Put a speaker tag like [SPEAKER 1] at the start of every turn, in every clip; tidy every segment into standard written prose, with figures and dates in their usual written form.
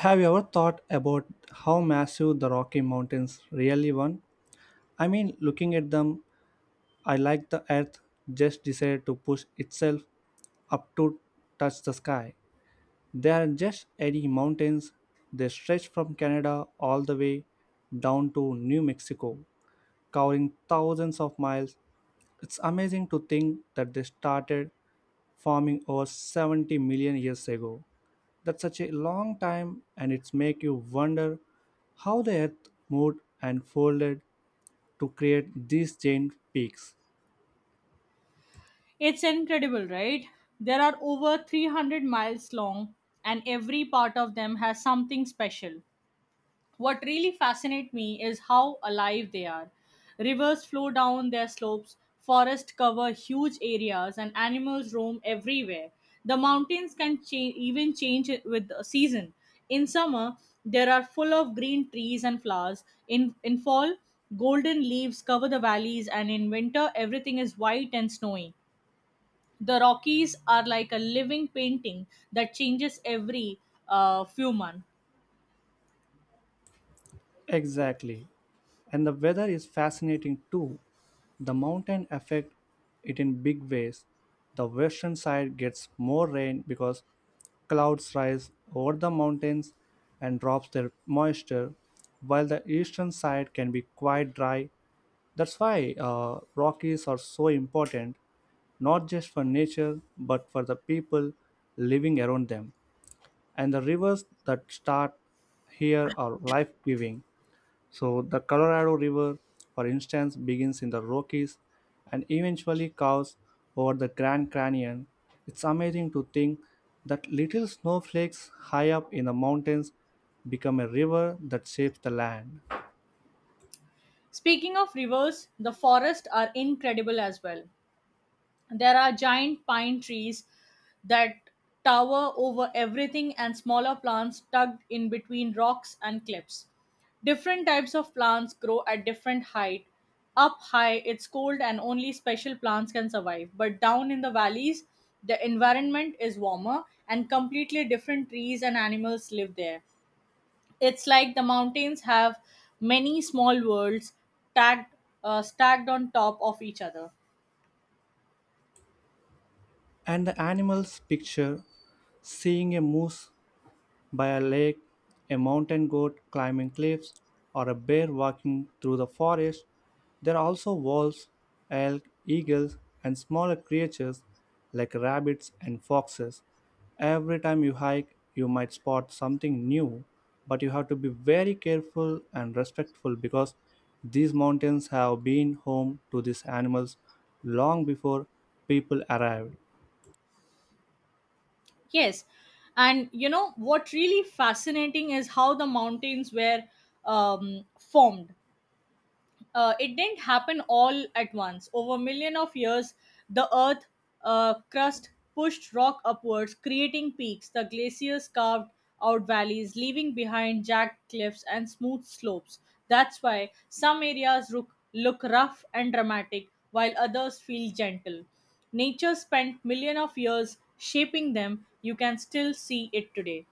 [SPEAKER 1] Have you ever thought about how massive the Rocky Mountains really were? I mean, looking at them, I like the earth just decided to push itself up to touch the sky. They are just any mountains. They stretch from Canada all the way down to New Mexico, covering thousands of miles. It's amazing to think that they started forming over 70 million years ago. That's such a long time and it's make you wonder how the earth moved and folded to create these giant peaks.
[SPEAKER 2] It's incredible, right? There are over 300 miles long, and every part of them has something special. What really fascinates me is how alive they are. Rivers flow down their slopes, forests cover huge areas, and animals roam everywhere. The mountains can even change it with the season. In summer, there are full of green trees and flowers. In fall, golden leaves cover the valleys, and in winter, everything is white and snowy. The Rockies are like a living painting that changes every few months.
[SPEAKER 1] Exactly. And the weather is fascinating too. The mountain affect it in big ways. The western side gets more rain because clouds rise over the mountains and drops their moisture, while the eastern side can be quite dry. That's why Rockies are so important, not just for nature, but for the people living around them. And the rivers that start here are life giving. So, the Colorado River, for instance, begins in the Rockies and eventually curves over the Grand Canyon. It's amazing to think that little snowflakes high up in the mountains become a river that shapes the land.
[SPEAKER 2] Speaking of rivers, the forests are incredible as well. There are giant pine trees that tower over everything and smaller plants tucked in between rocks and cliffs. Different types of plants grow at different height. Up high, it's cold and only special plants can survive. But down in the valleys, the environment is warmer and completely different trees and animals live there. It's like the mountains have many small worlds tagged, stacked on top of each other.
[SPEAKER 1] And the animals picture seeing a moose by a lake, a mountain goat climbing cliffs, or a bear walking through the forest. There are also wolves, elk, eagles, and smaller creatures like rabbits and foxes. Every time you hike, you might spot something new, but you have to be very careful and respectful because these mountains have been home to these animals long before people arrived.
[SPEAKER 2] Yes. And you know what really fascinating is how the mountains were formed. It didn't happen all at once. Over million of years, the Earth crust pushed rock upwards, creating peaks. The glaciers carved out valleys, leaving behind jagged cliffs and smooth slopes. That's why some areas look rough and dramatic, while others feel gentle. Nature spent million of years shaping them. You can still see it today.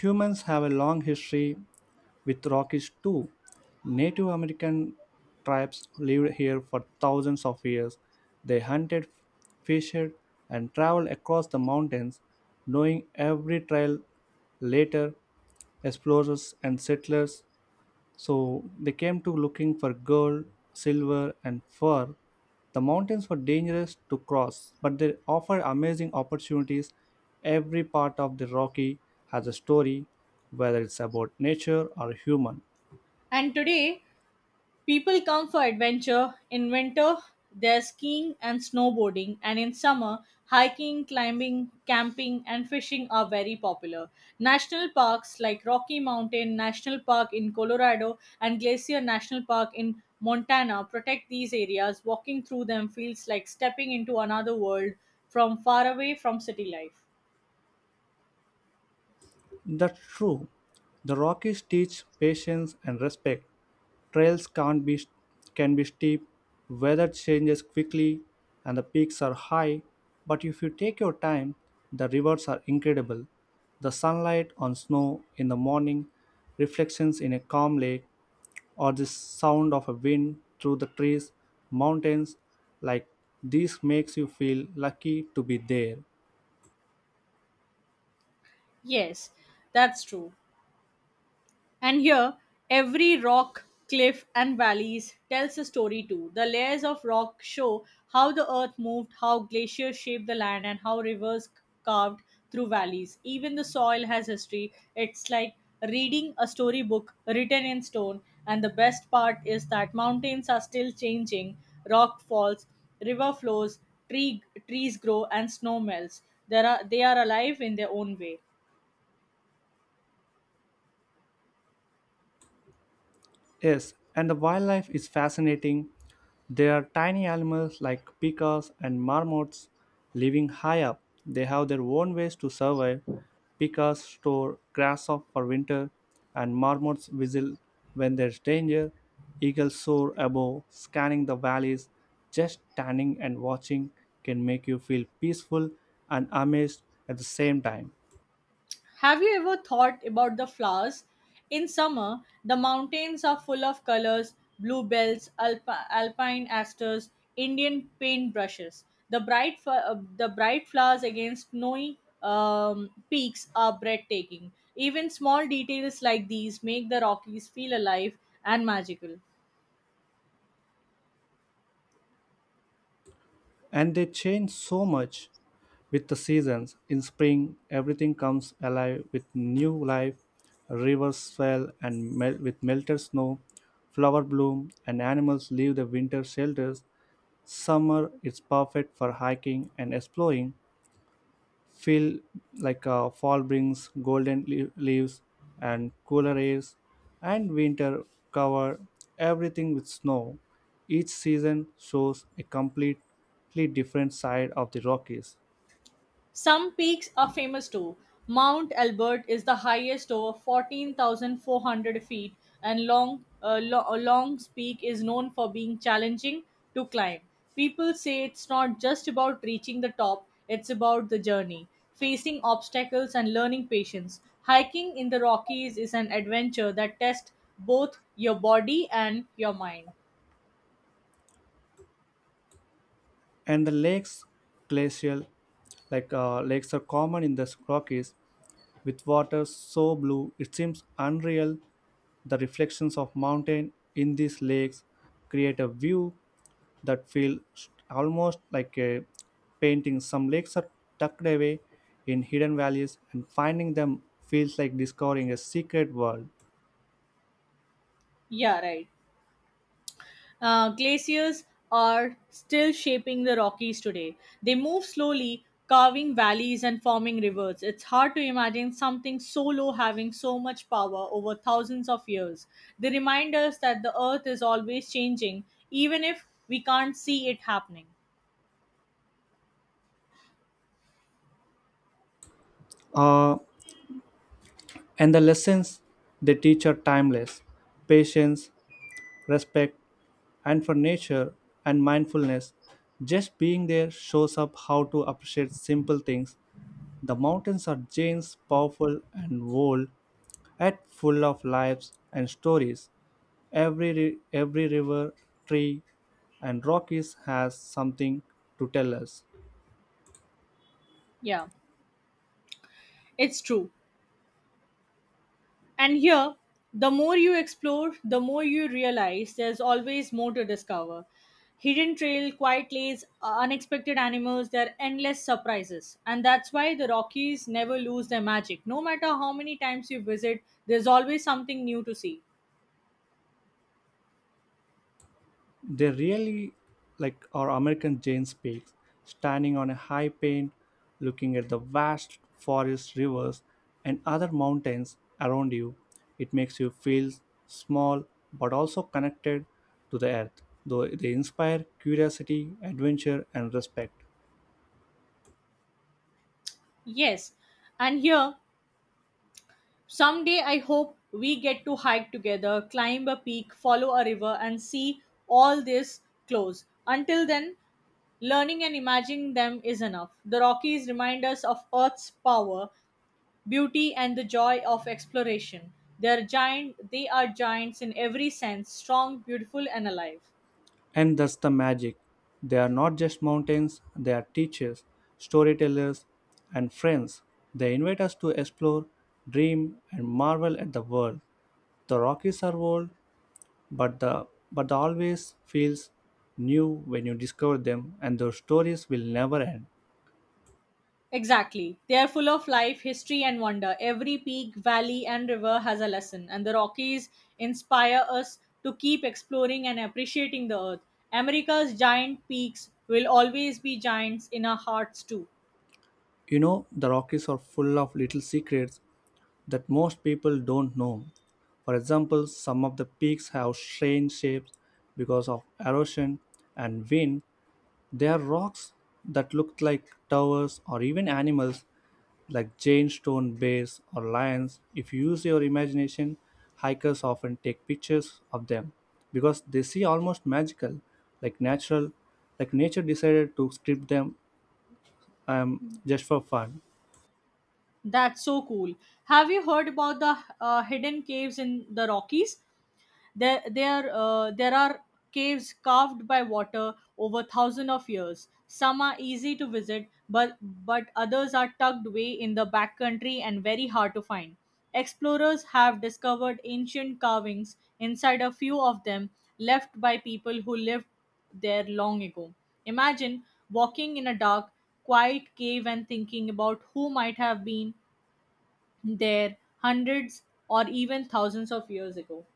[SPEAKER 1] Humans have a long history with Rockies too. Native American tribes lived here for thousands of years. They hunted, fished, and traveled across the mountains, knowing every trail. Later, explorers and settlers so they came to looking for gold, silver, and fur. The mountains were dangerous to cross, but they offer amazing opportunities. Every part of the Rocky has a story, whether it's about nature or human.
[SPEAKER 2] And today, people come for adventure. In winter, there's skiing and snowboarding, and in summer, hiking, climbing, camping, and fishing are very popular. National parks like Rocky Mountain National Park in Colorado and Glacier National Park in Montana protect these areas. Walking through them feels like stepping into another world from far away from city life.
[SPEAKER 1] That's true. The Rockies teach patience and respect. Trails can not be, can be steep, weather changes quickly, and the peaks are high. But if you take your time, the rewards are incredible. The sunlight on snow in the morning, reflections in a calm lake, or the sound of a wind through the trees, mountains, like this makes you feel lucky to be there.
[SPEAKER 2] Yes, that's true. And here, every rock, cliff, and valleys tells a story too. The layers of rock show how the earth moved, how glaciers shaped the land, and how rivers carved through valleys. Even the soil has history. It's like reading a storybook written in stone. And the best part is that mountains are still changing, rock falls, river flows, trees grow, and snow melts. They are alive in their own way.
[SPEAKER 1] Yes, and the wildlife is fascinating. There are tiny animals like pikas and marmots living high up. They have their own ways to survive. Pikas store grass up for winter, and marmots whistle when there's danger. Eagles soar above, scanning the valleys. Just standing and watching can make you feel peaceful and amazed at the same time.
[SPEAKER 2] Have you ever thought about the flowers? In summer, the mountains are full of colors: bluebells, alpine asters, Indian paintbrushes. The bright flowers against snowy peaks are breathtaking. Even small details like these make the Rockies feel alive and magical.
[SPEAKER 1] And they change so much with the seasons. In spring, everything comes alive with new life. Rivers swell and melt with melted snow. Flower bloom and animals leave the winter shelters. Summer is perfect for hiking and exploring. Feel like fall brings golden leaves and cooler airs, and winter cover everything with snow. Each season shows a completely different side of the Rockies.
[SPEAKER 2] Some peaks are famous too. Mount Albert is the highest, over 14,400 feet, and Long's Peak is known for being challenging to climb. People say it's not just about reaching the top, it's about the journey, facing obstacles, and learning patience. Hiking in the Rockies is an adventure that tests both your body and your mind.
[SPEAKER 1] And the lakes glacial like lakes are common in the Rockies with water so blue it seems unreal. The reflections of mountain in these lakes create a view that almost like a painting. Some lakes are tucked away in hidden valleys and finding them feels like discovering a secret world.
[SPEAKER 2] Yeah, right. Glaciers are still shaping the Rockies today. They move slowly, carving valleys and forming rivers. It's hard to imagine something so low having so much power over thousands of years. They remind us that the earth is always changing, even if we can't see it happening.
[SPEAKER 1] uh, and the lessons they teach are timeless, patience, respect, and for nature and mindfulness. Just being there shows up how to appreciate simple things. The mountains are giants, powerful and bold, yet full of lives and stories. Every river, tree, and rock is has something to tell us.
[SPEAKER 2] Yeah, it's true. And here, the more you explore, the more you realize there's always more to discover. Hidden trail, quiet lanes, unexpected animals, there are endless surprises. And that's why the Rockies never lose their magic. No matter how many times you visit, there's always something new to see.
[SPEAKER 1] They really like our American Jane speaks, standing on a high pane, looking at the vast forests, rivers, and other mountains around you. It makes you feel small but also connected to the earth, though they inspire curiosity, adventure, and respect.
[SPEAKER 2] Yes, and here, someday, I hope we get to hike together, climb a peak, follow a river, and see all this close. Until then, learning and imagining them is enough. The Rockies remind us of Earth's power, beauty, and the joy of exploration. They are giant. They are giants in every sense, strong, beautiful, and alive.
[SPEAKER 1] And that's the magic. They are not just mountains, they are teachers, storytellers, and friends. They invite us to explore, dream, and marvel at the world. The Rockies are old, but the always feels new when you discover them, and their stories will never end.
[SPEAKER 2] Exactly. They are full of life, history, and wonder. Every peak, valley, and river has a lesson, and the Rockies inspire us to keep exploring and appreciating the earth. America's giant peaks will always be giants in our hearts, too.
[SPEAKER 1] You know, the Rockies are full of little secrets that most people don't know. For example, some of the peaks have strange shapes because of erosion and wind. They are rocks that look like towers or even animals like giant stone bears or lions. If you use your imagination, hikers often take pictures of them because they see almost magical, like natural, like nature decided to script them just for fun.
[SPEAKER 2] That's so cool. Have you heard about the hidden caves in the Rockies? There are caves carved by water over thousands of years. Some are easy to visit, but others are tucked away in the backcountry and very hard to find. Explorers have discovered ancient carvings inside a few of them left by people who lived there long ago. Imagine walking in a dark, quiet cave and thinking about who might have been there hundreds or even thousands of years ago.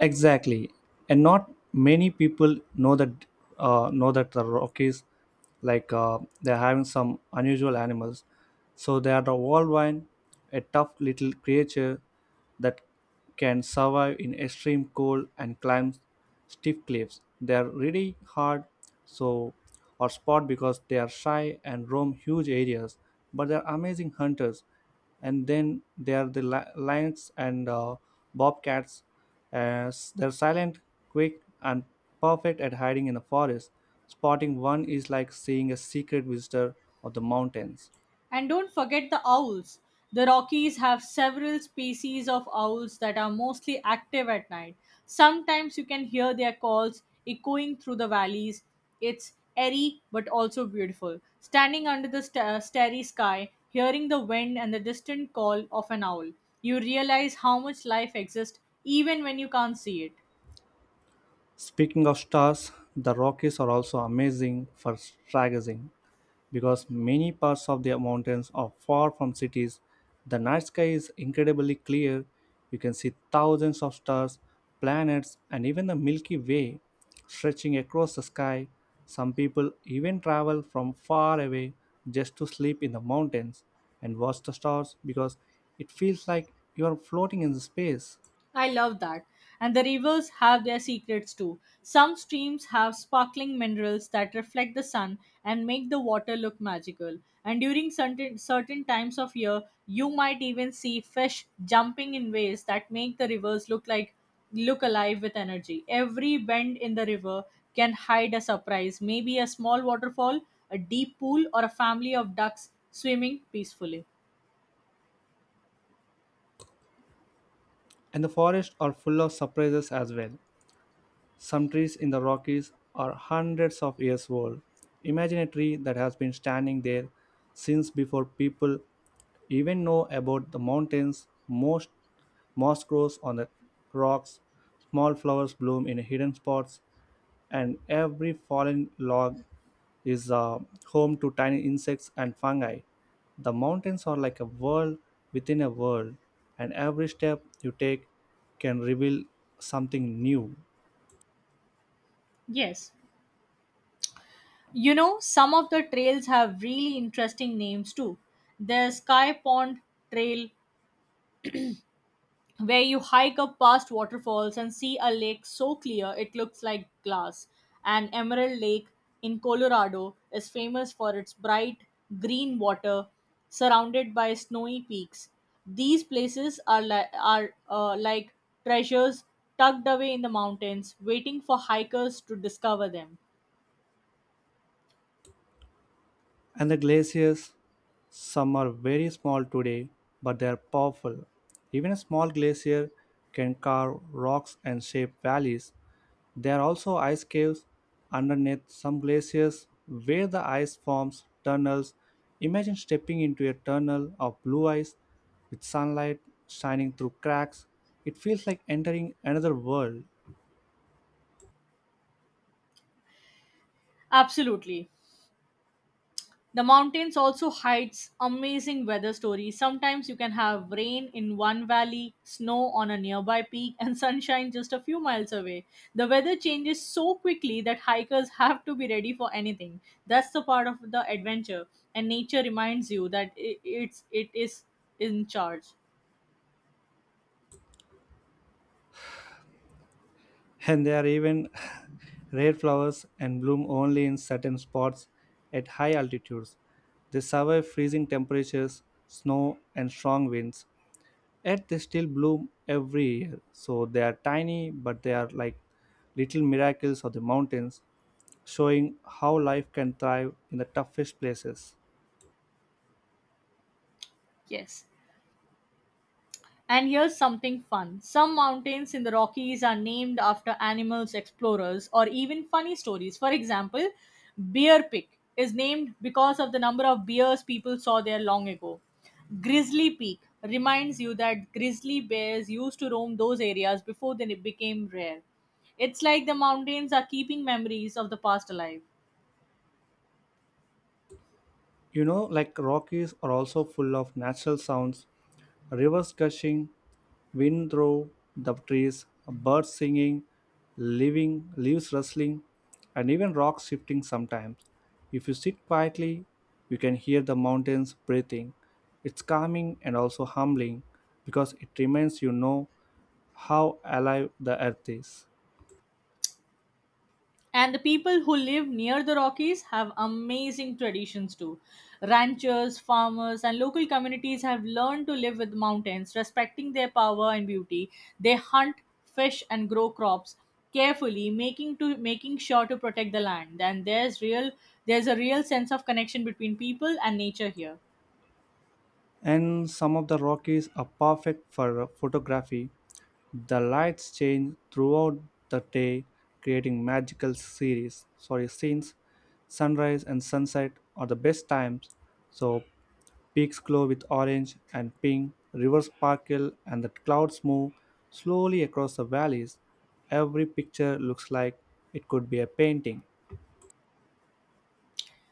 [SPEAKER 1] Exactly, and not many people know that the Rockies, like they're having some unusual animals. So they are the worldwide, a tough little creature that can survive in extreme cold and climb stiff cliffs. They are really hard so or spot because they are shy and roam huge areas, but they are amazing hunters. And then there are the lions and bobcats. As they're silent, quick, and perfect at hiding in the forest. Spotting one is like seeing a secret visitor of the mountains.
[SPEAKER 2] And don't forget the owls. The Rockies have several species of owls that are mostly active at night. Sometimes you can hear their calls echoing through the valleys. It's eerie but also beautiful. Standing under the starry sky, hearing the wind and the distant call of an owl, you realize how much life exists even when you can't see it.
[SPEAKER 1] Speaking of stars, the Rockies are also amazing for stargazing because many parts of the mountains are far from cities. The night sky is incredibly clear. You can see thousands of stars, planets, and even the Milky Way stretching across the sky. Some people even travel from far away just to sleep in the mountains and watch the stars because it feels like you are floating in space.
[SPEAKER 2] I love that. And the rivers have their secrets too. Some streams have sparkling minerals that reflect the sun and make the water look magical. And during certain times of year, you might even see fish jumping in ways that make the rivers look alive with energy. Every bend in the river can hide a surprise, maybe a small waterfall, a deep pool, or a family of ducks swimming peacefully.
[SPEAKER 1] And the forests are full of surprises as well. Some trees in the Rockies are hundreds of years old. Imagine a tree that has been standing there since before people even know about the mountains. Most moss grows on the rocks, small flowers bloom in hidden spots, and every fallen log is home to tiny insects and fungi. The mountains are like a world within a world, and every step you take can reveal something new.
[SPEAKER 2] Yes. You know, some of the trails have really interesting names too. There's Sky Pond Trail, where you hike up past waterfalls and see a lake so clear it looks like glass. And Emerald Lake in Colorado is famous for its bright green water surrounded by snowy peaks. These places are like treasures tucked away in the mountains, waiting for hikers to discover them.
[SPEAKER 1] And the glaciers, some are very small today, but they are powerful. Even a small glacier can carve rocks and shape valleys. There are also ice caves underneath some glaciers where the ice forms tunnels. Imagine stepping into a tunnel of blue ice with sunlight shining through cracks. It feels like entering another world.
[SPEAKER 2] Absolutely. The mountains also hides amazing weather stories. Sometimes you can have rain in one valley, snow on a nearby peak, and sunshine just a few miles away. The weather changes so quickly that hikers have to be ready for anything. That's the part of the adventure, and nature reminds you that it is in charge.
[SPEAKER 1] And they are even rare flowers and bloom only in certain spots at high altitudes. They survive freezing temperatures, snow, and strong winds, yet they still bloom every year. So they are tiny, but they are like little miracles of the mountains, showing how life can thrive in the toughest places.
[SPEAKER 2] Yes. And here's something fun. Some mountains in the Rockies are named after animals, explorers, or even funny stories. For example, Bear Peak is named because of the number of bears people saw there long ago. Grizzly Peak reminds you that grizzly bears used to roam those areas before they became rare. It's like the mountains are keeping memories of the past alive.
[SPEAKER 1] You know, like Rockies are also full of natural sounds, rivers gushing, wind through the trees, birds singing, living leaves rustling, and even rocks shifting sometimes. If you sit quietly, you can hear the mountains breathing. It's calming and also humbling because it reminds you know how alive the earth is.
[SPEAKER 2] And the people who live near the Rockies have amazing traditions too. Ranchers, farmers, and local communities have learned to live with mountains, respecting their power and beauty. They hunt, fish, and grow crops carefully, making to making sure to protect the land. And there's real there's a real sense of connection between people and nature here.
[SPEAKER 1] And some of the Rockies are perfect for photography. The lights change throughout the day, creating magical series. Sorry, scenes. Sunrise and sunset are the best times. So peaks glow with orange and pink, rivers sparkle, and the clouds move slowly across the valleys. Every picture looks like it could be a painting.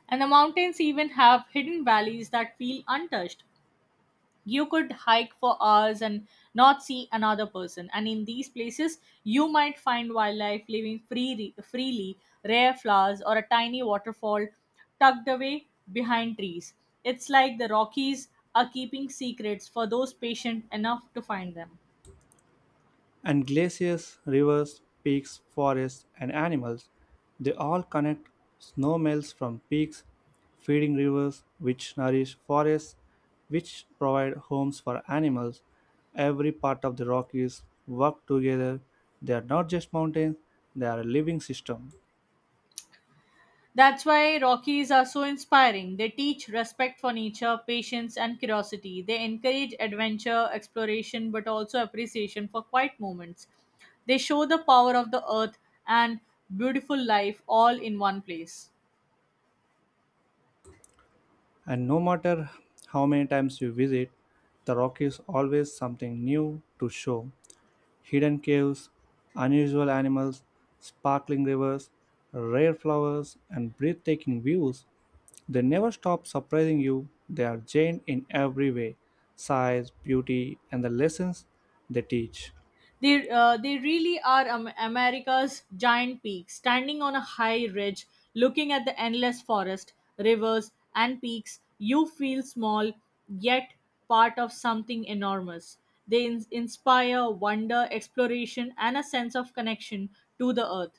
[SPEAKER 2] And the mountains even have hidden valleys that feel untouched. You could hike for hours and not see another person, and in these places you might find wildlife living freely, rare flowers or a tiny waterfall tucked away behind trees. It's like the Rockies are keeping secrets for those patient enough to find them.
[SPEAKER 1] And glaciers, rivers, peaks, forests, and animals, they all connect. Snow melts from peaks, feeding rivers, which nourish forests, which provide homes for animals. Every part of the Rockies work together. They are not just mountains, they are a living system.
[SPEAKER 2] That's why Rockies are so inspiring. They teach respect for nature, patience, and curiosity. They encourage adventure, exploration, but also appreciation for quiet moments. They show the power of the earth and beautiful life all in one place.
[SPEAKER 1] And no matter how many times you visit, the Rockies always something new to show. Hidden caves, unusual animals, sparkling rivers, rare flowers, and breathtaking views. They never stop surprising you. They are giant in every way, size, beauty, and the lessons they teach.
[SPEAKER 2] They really are America's giant peak, standing on a high ridge, looking at the endless forest, rivers, and peaks. You feel small, yet part of something enormous. They inspire wonder, exploration, and a sense of connection to the earth.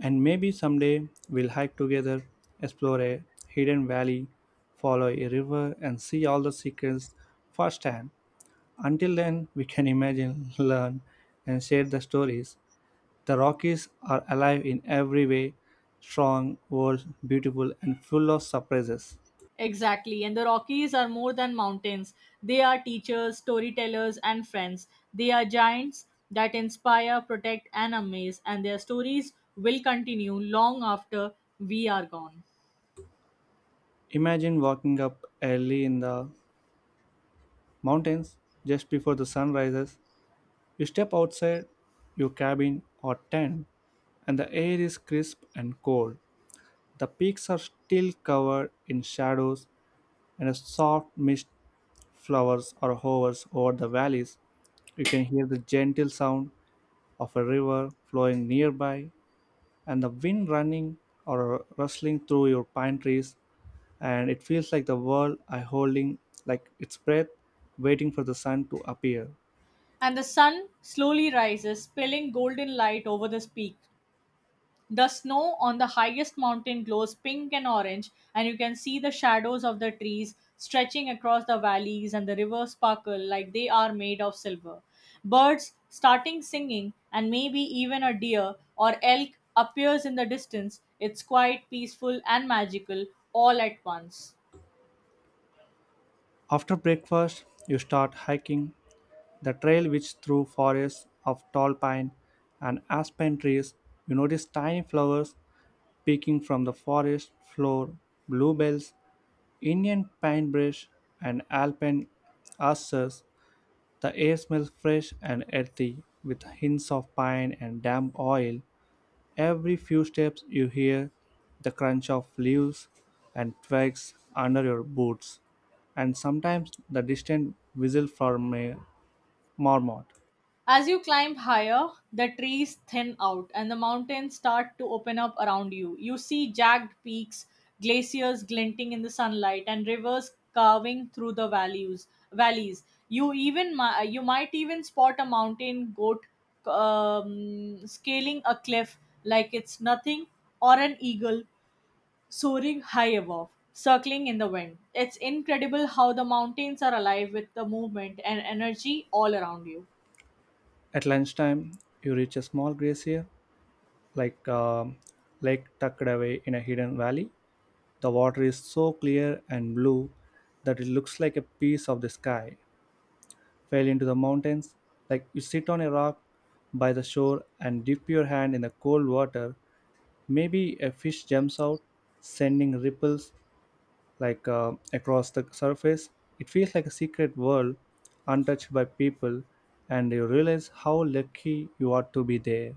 [SPEAKER 1] And maybe someday we'll hike together, explore a hidden valley, follow a river, and see all the secrets firsthand. Until then, we can imagine, learn, and share the stories. The Rockies are alive in every way, strong, old, beautiful, and full of surprises.
[SPEAKER 2] Exactly. And the Rockies are more than mountains. They are teachers, storytellers, and friends. They are giants that inspire, protect, and amaze, and their stories will continue long after we are gone.
[SPEAKER 1] Imagine walking up early in the mountains just before the sun rises. You step outside your cabin or tent, and the air is crisp and cold. The peaks are still covered in shadows, and a soft mist flowers or hovers over the valleys. You can hear the gentle sound of a river flowing nearby and the wind running or rustling through your pine trees, and it feels like the world I holding like its breath waiting for the sun to appear.
[SPEAKER 2] And the sun slowly rises, spilling golden light over this peak. The snow on the highest mountain glows pink and orange, and you can see the shadows of the trees stretching across the valleys, and the rivers sparkle like they are made of silver. Birds starting singing, and maybe even a deer or elk appears in the distance. It's quite peaceful and magical all at once.
[SPEAKER 1] After breakfast, you start hiking. The trail which through forests of tall pine and aspen trees, you notice tiny flowers peeking from the forest floor, bluebells, Indian pinebrush, and alpine asters. The air smells fresh and earthy, with hints of pine and damp oil. Every few steps, you hear the crunch of leaves and twigs under your boots, and sometimes the distant whistle from a marmot.
[SPEAKER 2] As you climb higher, the trees thin out and the mountains start to open up around you. You see jagged peaks, glaciers glinting in the sunlight, and rivers carving through the valleys. You even you might even spot a mountain goat scaling a cliff like it's nothing, or an eagle soaring high above, circling in the wind. It's incredible how the mountains are alive with the movement and energy all around you.
[SPEAKER 1] At lunchtime, you reach a small glacier, like a lake tucked away in a hidden valley. The water is so clear and blue that it looks like a piece of the sky. Fell into the mountains. Like you sit on a rock by the shore and dip your hand in the cold water. Maybe a fish jumps out, sending ripples across the surface. It feels like a secret world, untouched by people, and you realize how lucky you are to be there.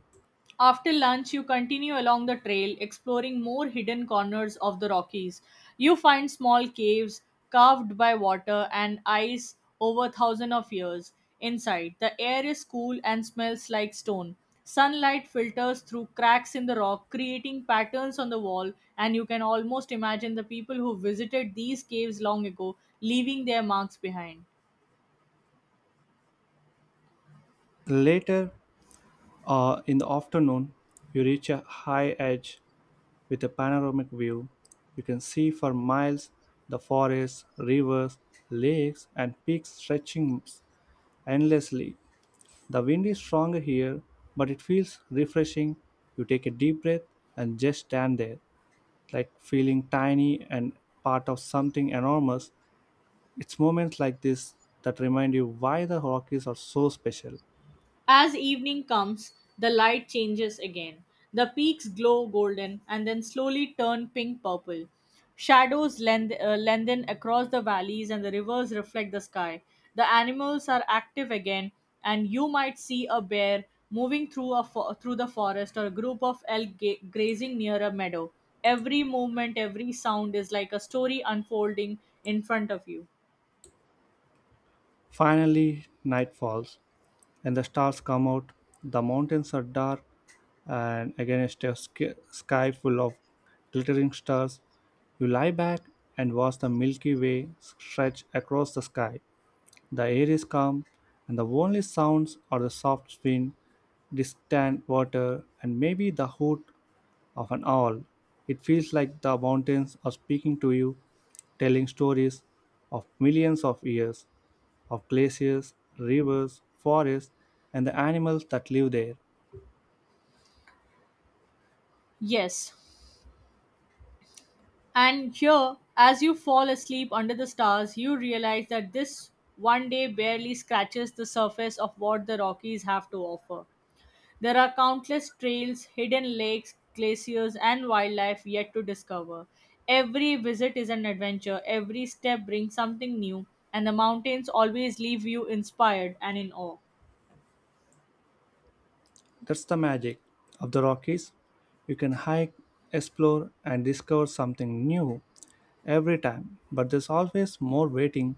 [SPEAKER 2] After lunch, you continue along the trail, exploring more hidden corners of the Rockies. You find small caves carved by water and ice over thousands of years. Inside, the air is cool and smells like stone. Sunlight filters through cracks in the rock, creating patterns on the wall, and you can almost imagine the people who visited these caves long ago leaving their marks behind.
[SPEAKER 1] Later, in the afternoon, you reach a high edge with a panoramic view. You can see for miles the forests, rivers, lakes, and peaks stretching endlessly. The wind is stronger here, but it feels refreshing. You take a deep breath and just stand there, like feeling tiny and part of something enormous. It's moments like this that remind you why the Rockies are so special.
[SPEAKER 2] As evening comes, the light changes again. The peaks glow golden and then slowly turn pink purple. Shadows lengthen across the valleys and the rivers reflect the sky. The animals are active again, and you might see a bear moving through, through the forest, or a group of elk grazing near a meadow. Every movement, every sound is like a story unfolding in front of you.
[SPEAKER 1] Finally, night falls, and the stars come out. The mountains are dark, and against a sky full of glittering stars, you lie back and watch the Milky Way stretch across the sky. The air is calm, and the only sounds are the soft wind, distant water, and maybe the hoot of an owl. It feels like the mountains are speaking to you, telling stories of millions of years, of glaciers, rivers, forests, and the animals that live there.
[SPEAKER 2] Yes, and here, as you fall asleep under the stars, you realize that this one day barely scratches the surface of what the Rockies have to offer. There are countless trails, hidden lakes, glaciers, and wildlife yet to discover. Every visit is an adventure, every step brings something new, and the mountains always leave you inspired and in awe.
[SPEAKER 1] That's the magic of the Rockies. You can hike, explore, and discover something new every time, but there's always more waiting.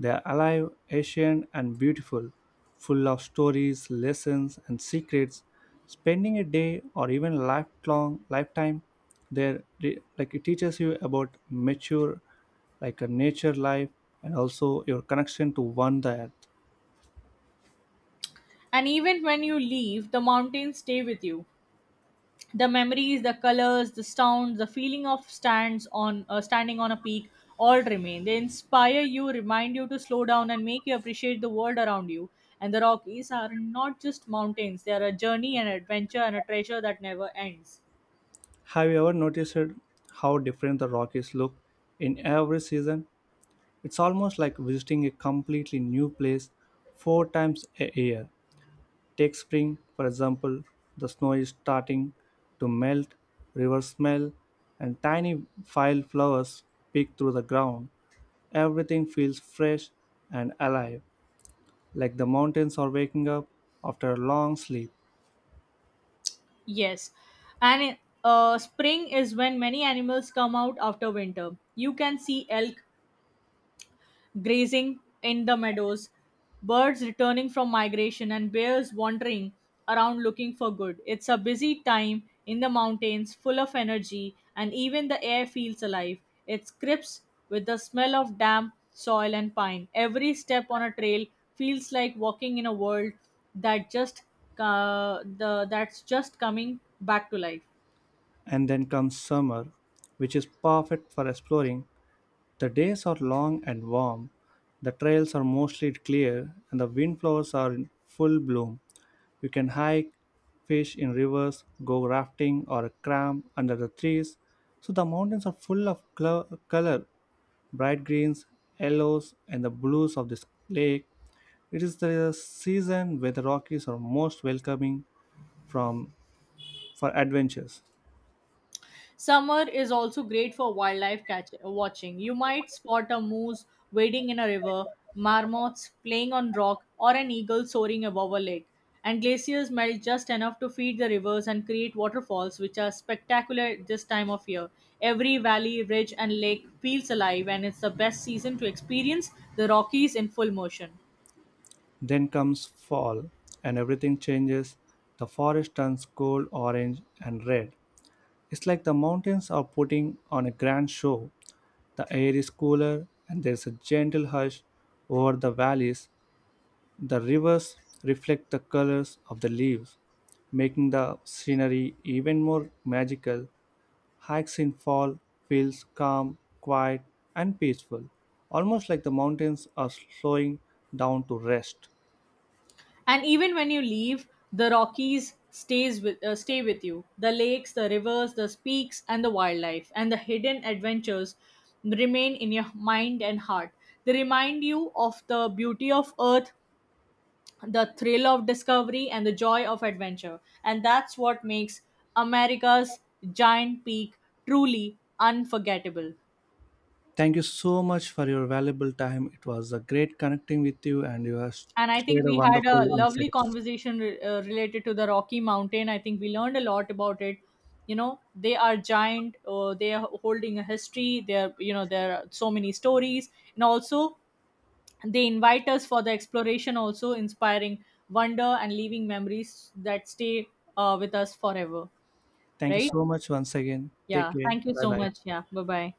[SPEAKER 1] They're alive, ancient, and beautiful, full of stories, lessons, and secrets. Spending a day or even lifelong lifetime there, like it teaches you about mature, like a nature life, and also your connection to one the earth.
[SPEAKER 2] And even when you leave, the mountains stay with you, the memories, the colors, the sounds, the feeling of stands on standing on a peak. All remain. They inspire you, remind you to slow down, and make you appreciate the world around you. And the Rockies are not just mountains, they are a journey, an adventure, and a treasure that never ends.
[SPEAKER 1] Have you ever noticed how different the Rockies look in every season? It's almost like visiting a completely new place four times a year. Take spring, for example, the snow is starting to melt, rivers smell, and tiny wild flowers peek through the ground. Everything feels fresh and alive, like the mountains are waking up after a long sleep.
[SPEAKER 2] Yes. And spring is when many animals come out after winter. You can see elk grazing in the meadows, birds returning from migration, and bears wandering around looking for good. It's a busy time in the mountains, full of energy, and even the air feels alive. It crisps with the smell of damp soil and pine. Every step on a trail feels like walking in a world that just that's just coming back to life.
[SPEAKER 1] And then comes summer, which is perfect for exploring. The days are long and warm, the trails are mostly clear, and the windflowers are in full bloom. You can hike, fish in rivers, go rafting, or cram under the trees. So the mountains are full of color, bright greens, yellows, and the blues of this lake. It is the season where the Rockies are most welcoming from for adventures.
[SPEAKER 2] Summer is also great for wildlife watching. You might spot a moose wading in a river, marmots playing on rock, or an eagle soaring above a lake. And glaciers melt just enough to feed the rivers and create waterfalls, which are spectacular at this time of year. Every valley, ridge, and lake feels alive, and it's the best season to experience the Rockies in full motion.
[SPEAKER 1] Then comes fall, and everything changes. The forest turns gold, orange, and red. It's like the mountains are putting on a grand show. The air is cooler and there's a gentle hush over the valleys. The rivers reflect the colors of the leaves, making the scenery even more magical. Hikes in fall feels calm, quiet, and peaceful, almost like the mountains are slowing down to rest.
[SPEAKER 2] And even when you leave, the Rockies stay with you, the lakes, the rivers, the peaks, and the wildlife, and the hidden adventures remain in your mind and heart. They remind you of the beauty of earth, the thrill of discovery, and the joy of adventure. And that's what makes America's giant peak truly unforgettable.
[SPEAKER 1] Thank you so much for your valuable time. It was a great connecting with you and you have
[SPEAKER 2] And I
[SPEAKER 1] shared
[SPEAKER 2] think
[SPEAKER 1] a
[SPEAKER 2] we had a
[SPEAKER 1] wonderful
[SPEAKER 2] lovely
[SPEAKER 1] insights.
[SPEAKER 2] conversation related to the Rocky Mountain. I think we learned a lot about it. You know, they are giant, they are holding a history. They are, there are so many stories, and also they invite us for the exploration, also inspiring wonder and leaving memories that stay with us forever.
[SPEAKER 1] Thank you
[SPEAKER 2] Right.
[SPEAKER 1] so much once again. Take
[SPEAKER 2] Yeah,
[SPEAKER 1] care.
[SPEAKER 2] thank you
[SPEAKER 1] Bye
[SPEAKER 2] so
[SPEAKER 1] bye.
[SPEAKER 2] much. Yeah, bye bye.